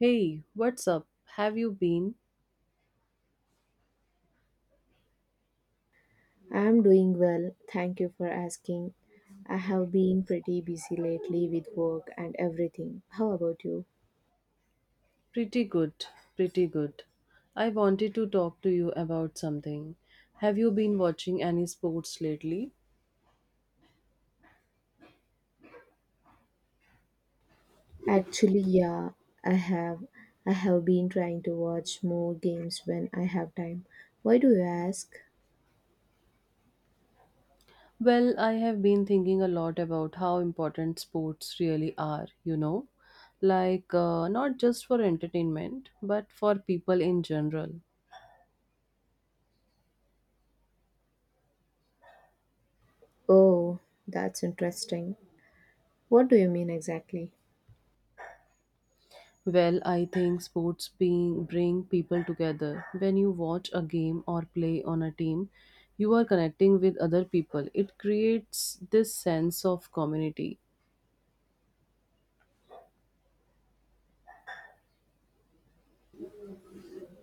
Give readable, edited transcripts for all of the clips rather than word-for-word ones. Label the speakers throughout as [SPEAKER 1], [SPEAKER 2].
[SPEAKER 1] Hey, what's up? Have you been?
[SPEAKER 2] I'm doing well, thank you for asking. I have been pretty busy lately with work and everything. How about you?
[SPEAKER 1] Pretty good, pretty good. I wanted to talk to you about something. Have you been watching any sports lately?
[SPEAKER 2] Actually, yeah, I have. I have been trying to watch more games when I have time. Why do you ask?
[SPEAKER 1] Well, I have been thinking a lot about how important sports really are, you know? Like, not just for entertainment, but for people in general.
[SPEAKER 2] Oh, that's interesting. What do you mean exactly?
[SPEAKER 1] Well, I think sports being bring people together. When you watch a game or play on a team, you are connecting with other people. It creates this sense of community.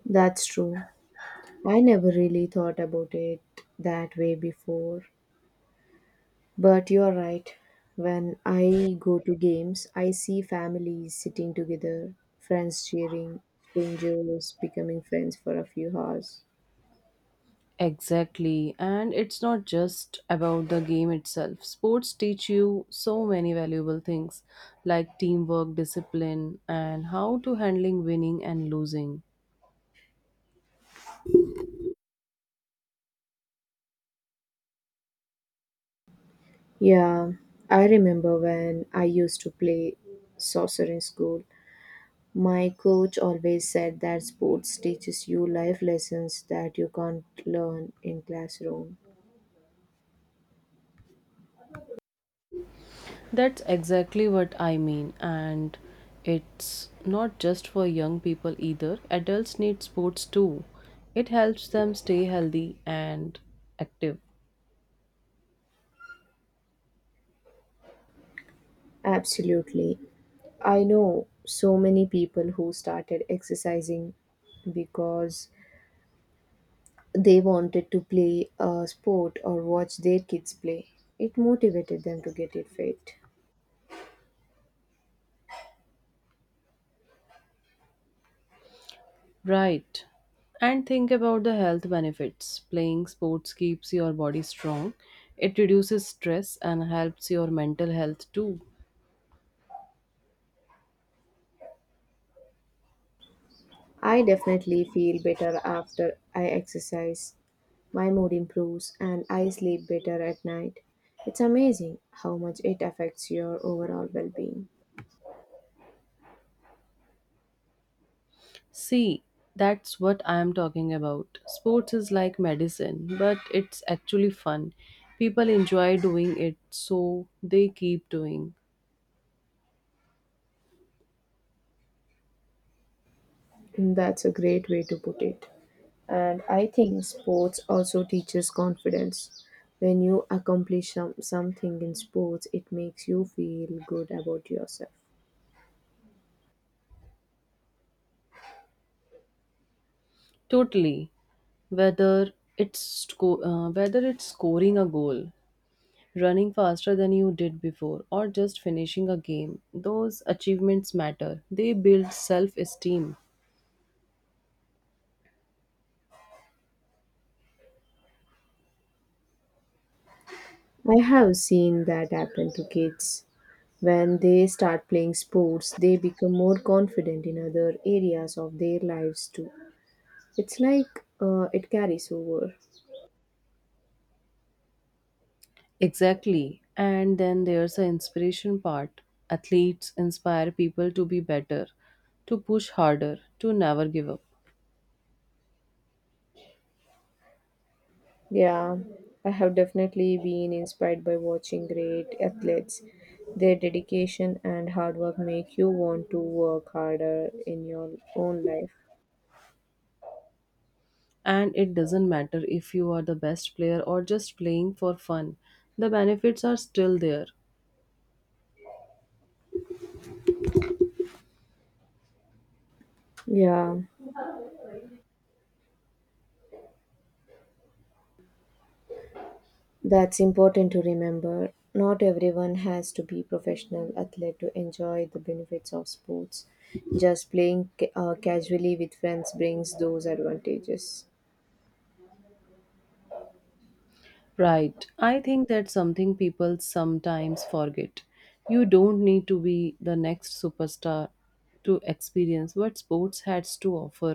[SPEAKER 2] That's true. I never really thought about it that way before. But you're right. When I go to games, I see families sitting together, friends cheering, strangers becoming friends for a few hours.
[SPEAKER 1] Exactly, and it's not just about the game itself. Sports teach you so many valuable things like teamwork, discipline, and how to handling winning and losing.
[SPEAKER 2] Yeah, I remember when I used to play soccer in school. My coach always said that sports teaches you life lessons that you can't learn in classroom.
[SPEAKER 1] That's exactly what I mean, and it's not just for young people either. Adults need sports too. It helps them stay healthy and active.
[SPEAKER 2] Absolutely. I know so many people who started exercising because they wanted to play a sport or watch their kids play. It motivated them to get it fit.
[SPEAKER 1] Right. And think about the health benefits. Playing sports keeps your body strong, it reduces stress and helps your mental health too.
[SPEAKER 2] I definitely feel better after I exercise. My mood improves and I sleep better at night. It's amazing how much it affects your overall well being.
[SPEAKER 1] See, that's what I am talking about. Sports is like medicine, but it's actually fun. People enjoy doing it, so they keep doing.
[SPEAKER 2] That's a great way to put it. And I think sports also teaches confidence. When you accomplish something in sports, it makes you feel good about yourself.
[SPEAKER 1] Totally. Whether it's scoring a goal, running faster than you did before, or just finishing a game, those achievements matter. They build self-esteem.
[SPEAKER 2] I have seen that happen to kids. When they start playing sports, they become more confident in other areas of their lives too. It's like it carries over.
[SPEAKER 1] Exactly. And then there's the inspiration part. Athletes inspire people to be better, to push harder, to never give up.
[SPEAKER 2] Yeah, I have definitely been inspired by watching great athletes. Their dedication and hard work make you want to work harder in your own life.
[SPEAKER 1] And it doesn't matter if you are the best player or just playing for fun, the benefits are still there.
[SPEAKER 2] Yeah. That's important to remember. Not everyone has to be professional athlete to enjoy the benefits of sports. Just playing casually with friends brings those advantages.
[SPEAKER 1] Right. I think that's something people sometimes forget. You don't need to be the next superstar to experience what sports has to offer.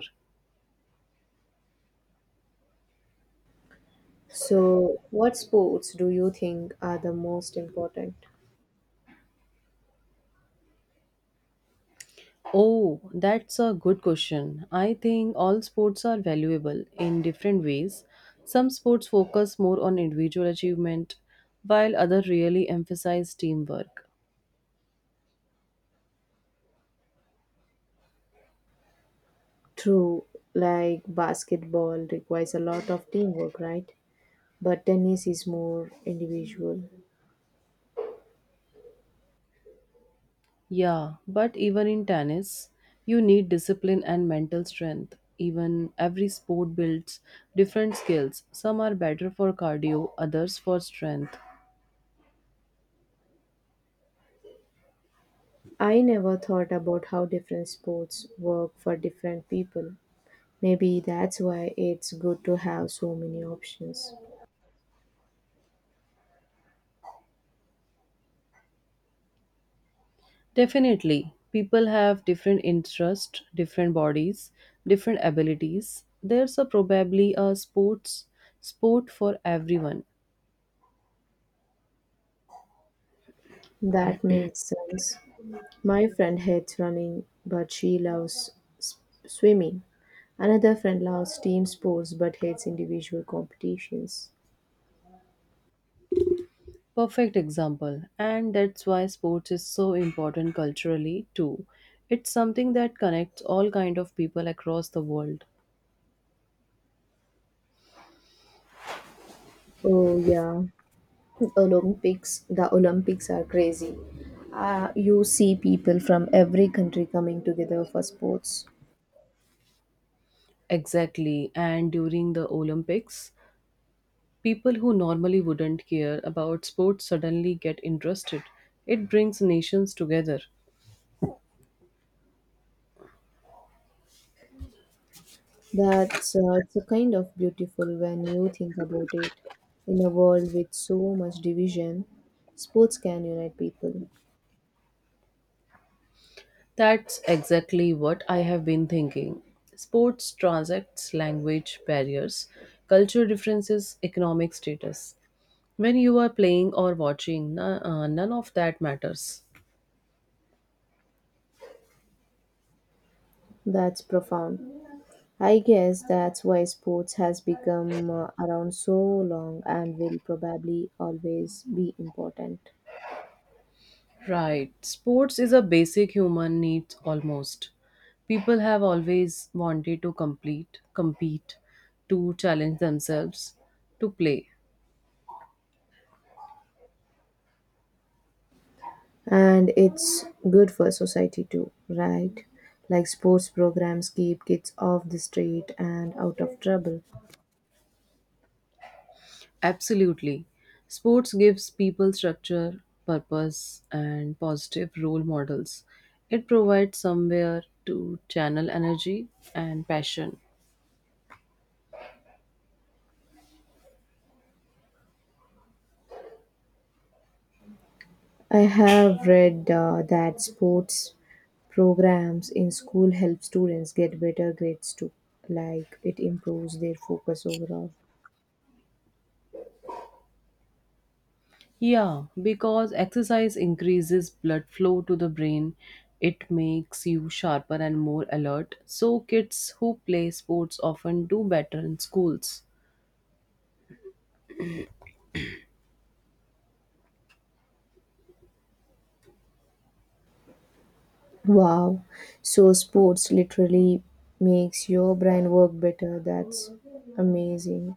[SPEAKER 2] So, what sports do you think are the most important?
[SPEAKER 1] Oh, that's a good question. I think all sports are valuable in different ways. Some sports focus more on individual achievement, while others really emphasize teamwork.
[SPEAKER 2] True, like basketball requires a lot of teamwork, right? But tennis is more individual.
[SPEAKER 1] Yeah, but even in tennis, you need discipline and mental strength. Even every sport builds different skills. Some are better for cardio, others for strength.
[SPEAKER 2] I never thought about how different sports work for different people. Maybe that's why it's good to have so many options.
[SPEAKER 1] Definitely. People have different interests, different bodies, different abilities. There's a probably a sport for everyone.
[SPEAKER 2] That makes sense. My friend hates running, but she loves s- swimming. Another friend loves team sports but hates individual competitions.
[SPEAKER 1] Perfect example. And that's why sports is so important culturally too. It's something that connects all kind of people across the world.
[SPEAKER 2] Oh yeah, Olympics. The Olympics are crazy. You see people from every country coming together for sports.
[SPEAKER 1] Exactly. And during the Olympics, people who normally wouldn't care about sports suddenly get interested. It brings nations together.
[SPEAKER 2] That's it's a kind of beautiful when you think about it. In a world with so much division, sports can unite people.
[SPEAKER 1] That's exactly what I have been thinking. Sports transacts language barriers, culture differences, economic status. When you are playing or watching, none of that matters.
[SPEAKER 2] That's profound. I guess that's why sports has become around so long and will probably always be important.
[SPEAKER 1] Right. Sports is a basic human need almost. People have always wanted to complete, compete, to challenge themselves, to play.
[SPEAKER 2] And it's good for society too, right? Like sports programs keep kids off the street and out of trouble.
[SPEAKER 1] Absolutely. Sports gives people structure, purpose, and positive role models. It provides somewhere to channel energy and passion.
[SPEAKER 2] I have read that sports programs in school help students get better grades too, like it improves their focus overall.
[SPEAKER 1] Yeah, because exercise increases blood flow to the brain, it makes you sharper and more alert. So, kids who play sports often do better in schools.
[SPEAKER 2] Wow, so sports literally makes your brain work better. That's amazing.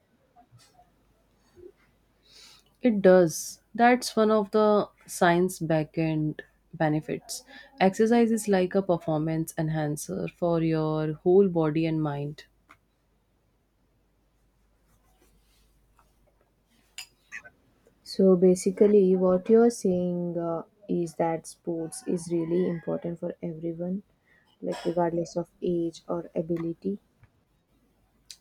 [SPEAKER 1] It does. That's one of the science backend benefits. Exercise is like a performance enhancer for your whole body and mind.
[SPEAKER 2] So basically, what you're saying is that sports is really important for everyone, like regardless of age or ability.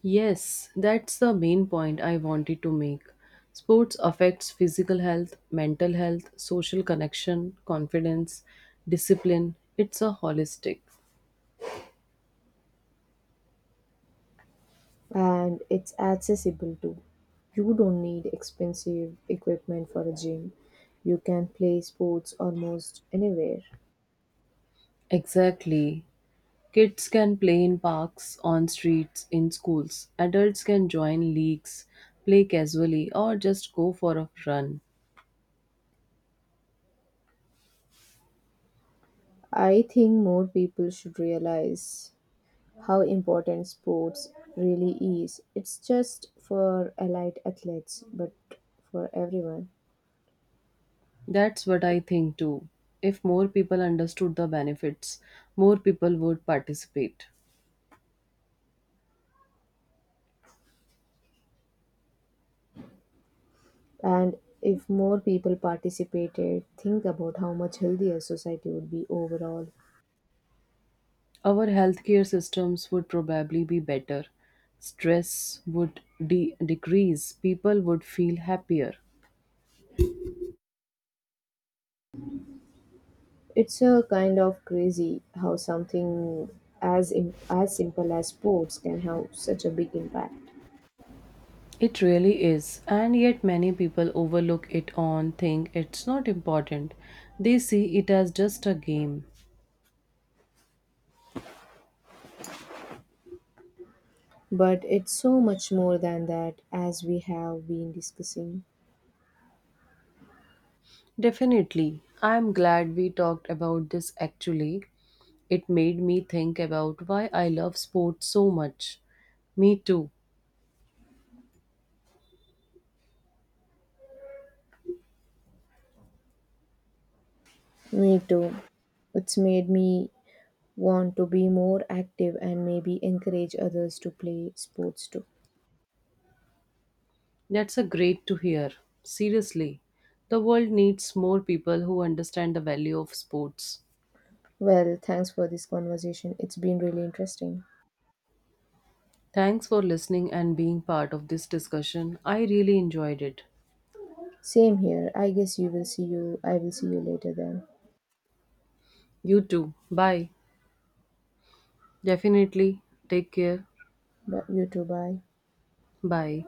[SPEAKER 1] Yes, that's the main point I wanted to make. Sports affects physical health, mental health, social connection, confidence, discipline. It's a holistic.
[SPEAKER 2] And it's accessible too. You don't need expensive equipment for a gym. You can play sports almost anywhere.
[SPEAKER 1] Exactly. Kids can play in parks, on streets, in schools. Adults can join leagues, play casually, or just go for a run.
[SPEAKER 2] I think more people should realize how important sports really is. It's just for elite athletes, but for everyone.
[SPEAKER 1] That's what I think too. If more people understood the benefits, more people would participate.
[SPEAKER 2] And if more people participated, think about how much healthier society would be overall.
[SPEAKER 1] Our healthcare systems would probably be better. Stress would decrease. People would feel happier.
[SPEAKER 2] It's a kind of crazy how something as simple as sports can have such a big impact.
[SPEAKER 1] It really is, and yet many people overlook it and think it's not important. They see it as just a game.
[SPEAKER 2] But it's so much more than that, as we have been discussing.
[SPEAKER 1] Definitely, I'm glad we talked about this actually. It made me think about why I love sports so much. Me too.
[SPEAKER 2] Me too. It's made me want to be more active and maybe encourage others to play sports too.
[SPEAKER 1] That's a great to hear. Seriously, the world needs more people who understand the value of sports.
[SPEAKER 2] Well, thanks for this conversation. It's been really interesting.
[SPEAKER 1] Thanks for listening and being part of this discussion. I really enjoyed it.
[SPEAKER 2] Same here. I guess you will see you. I will see you later then.
[SPEAKER 1] You too. Bye. Definitely. Take care.
[SPEAKER 2] But you too. Bye.
[SPEAKER 1] Bye.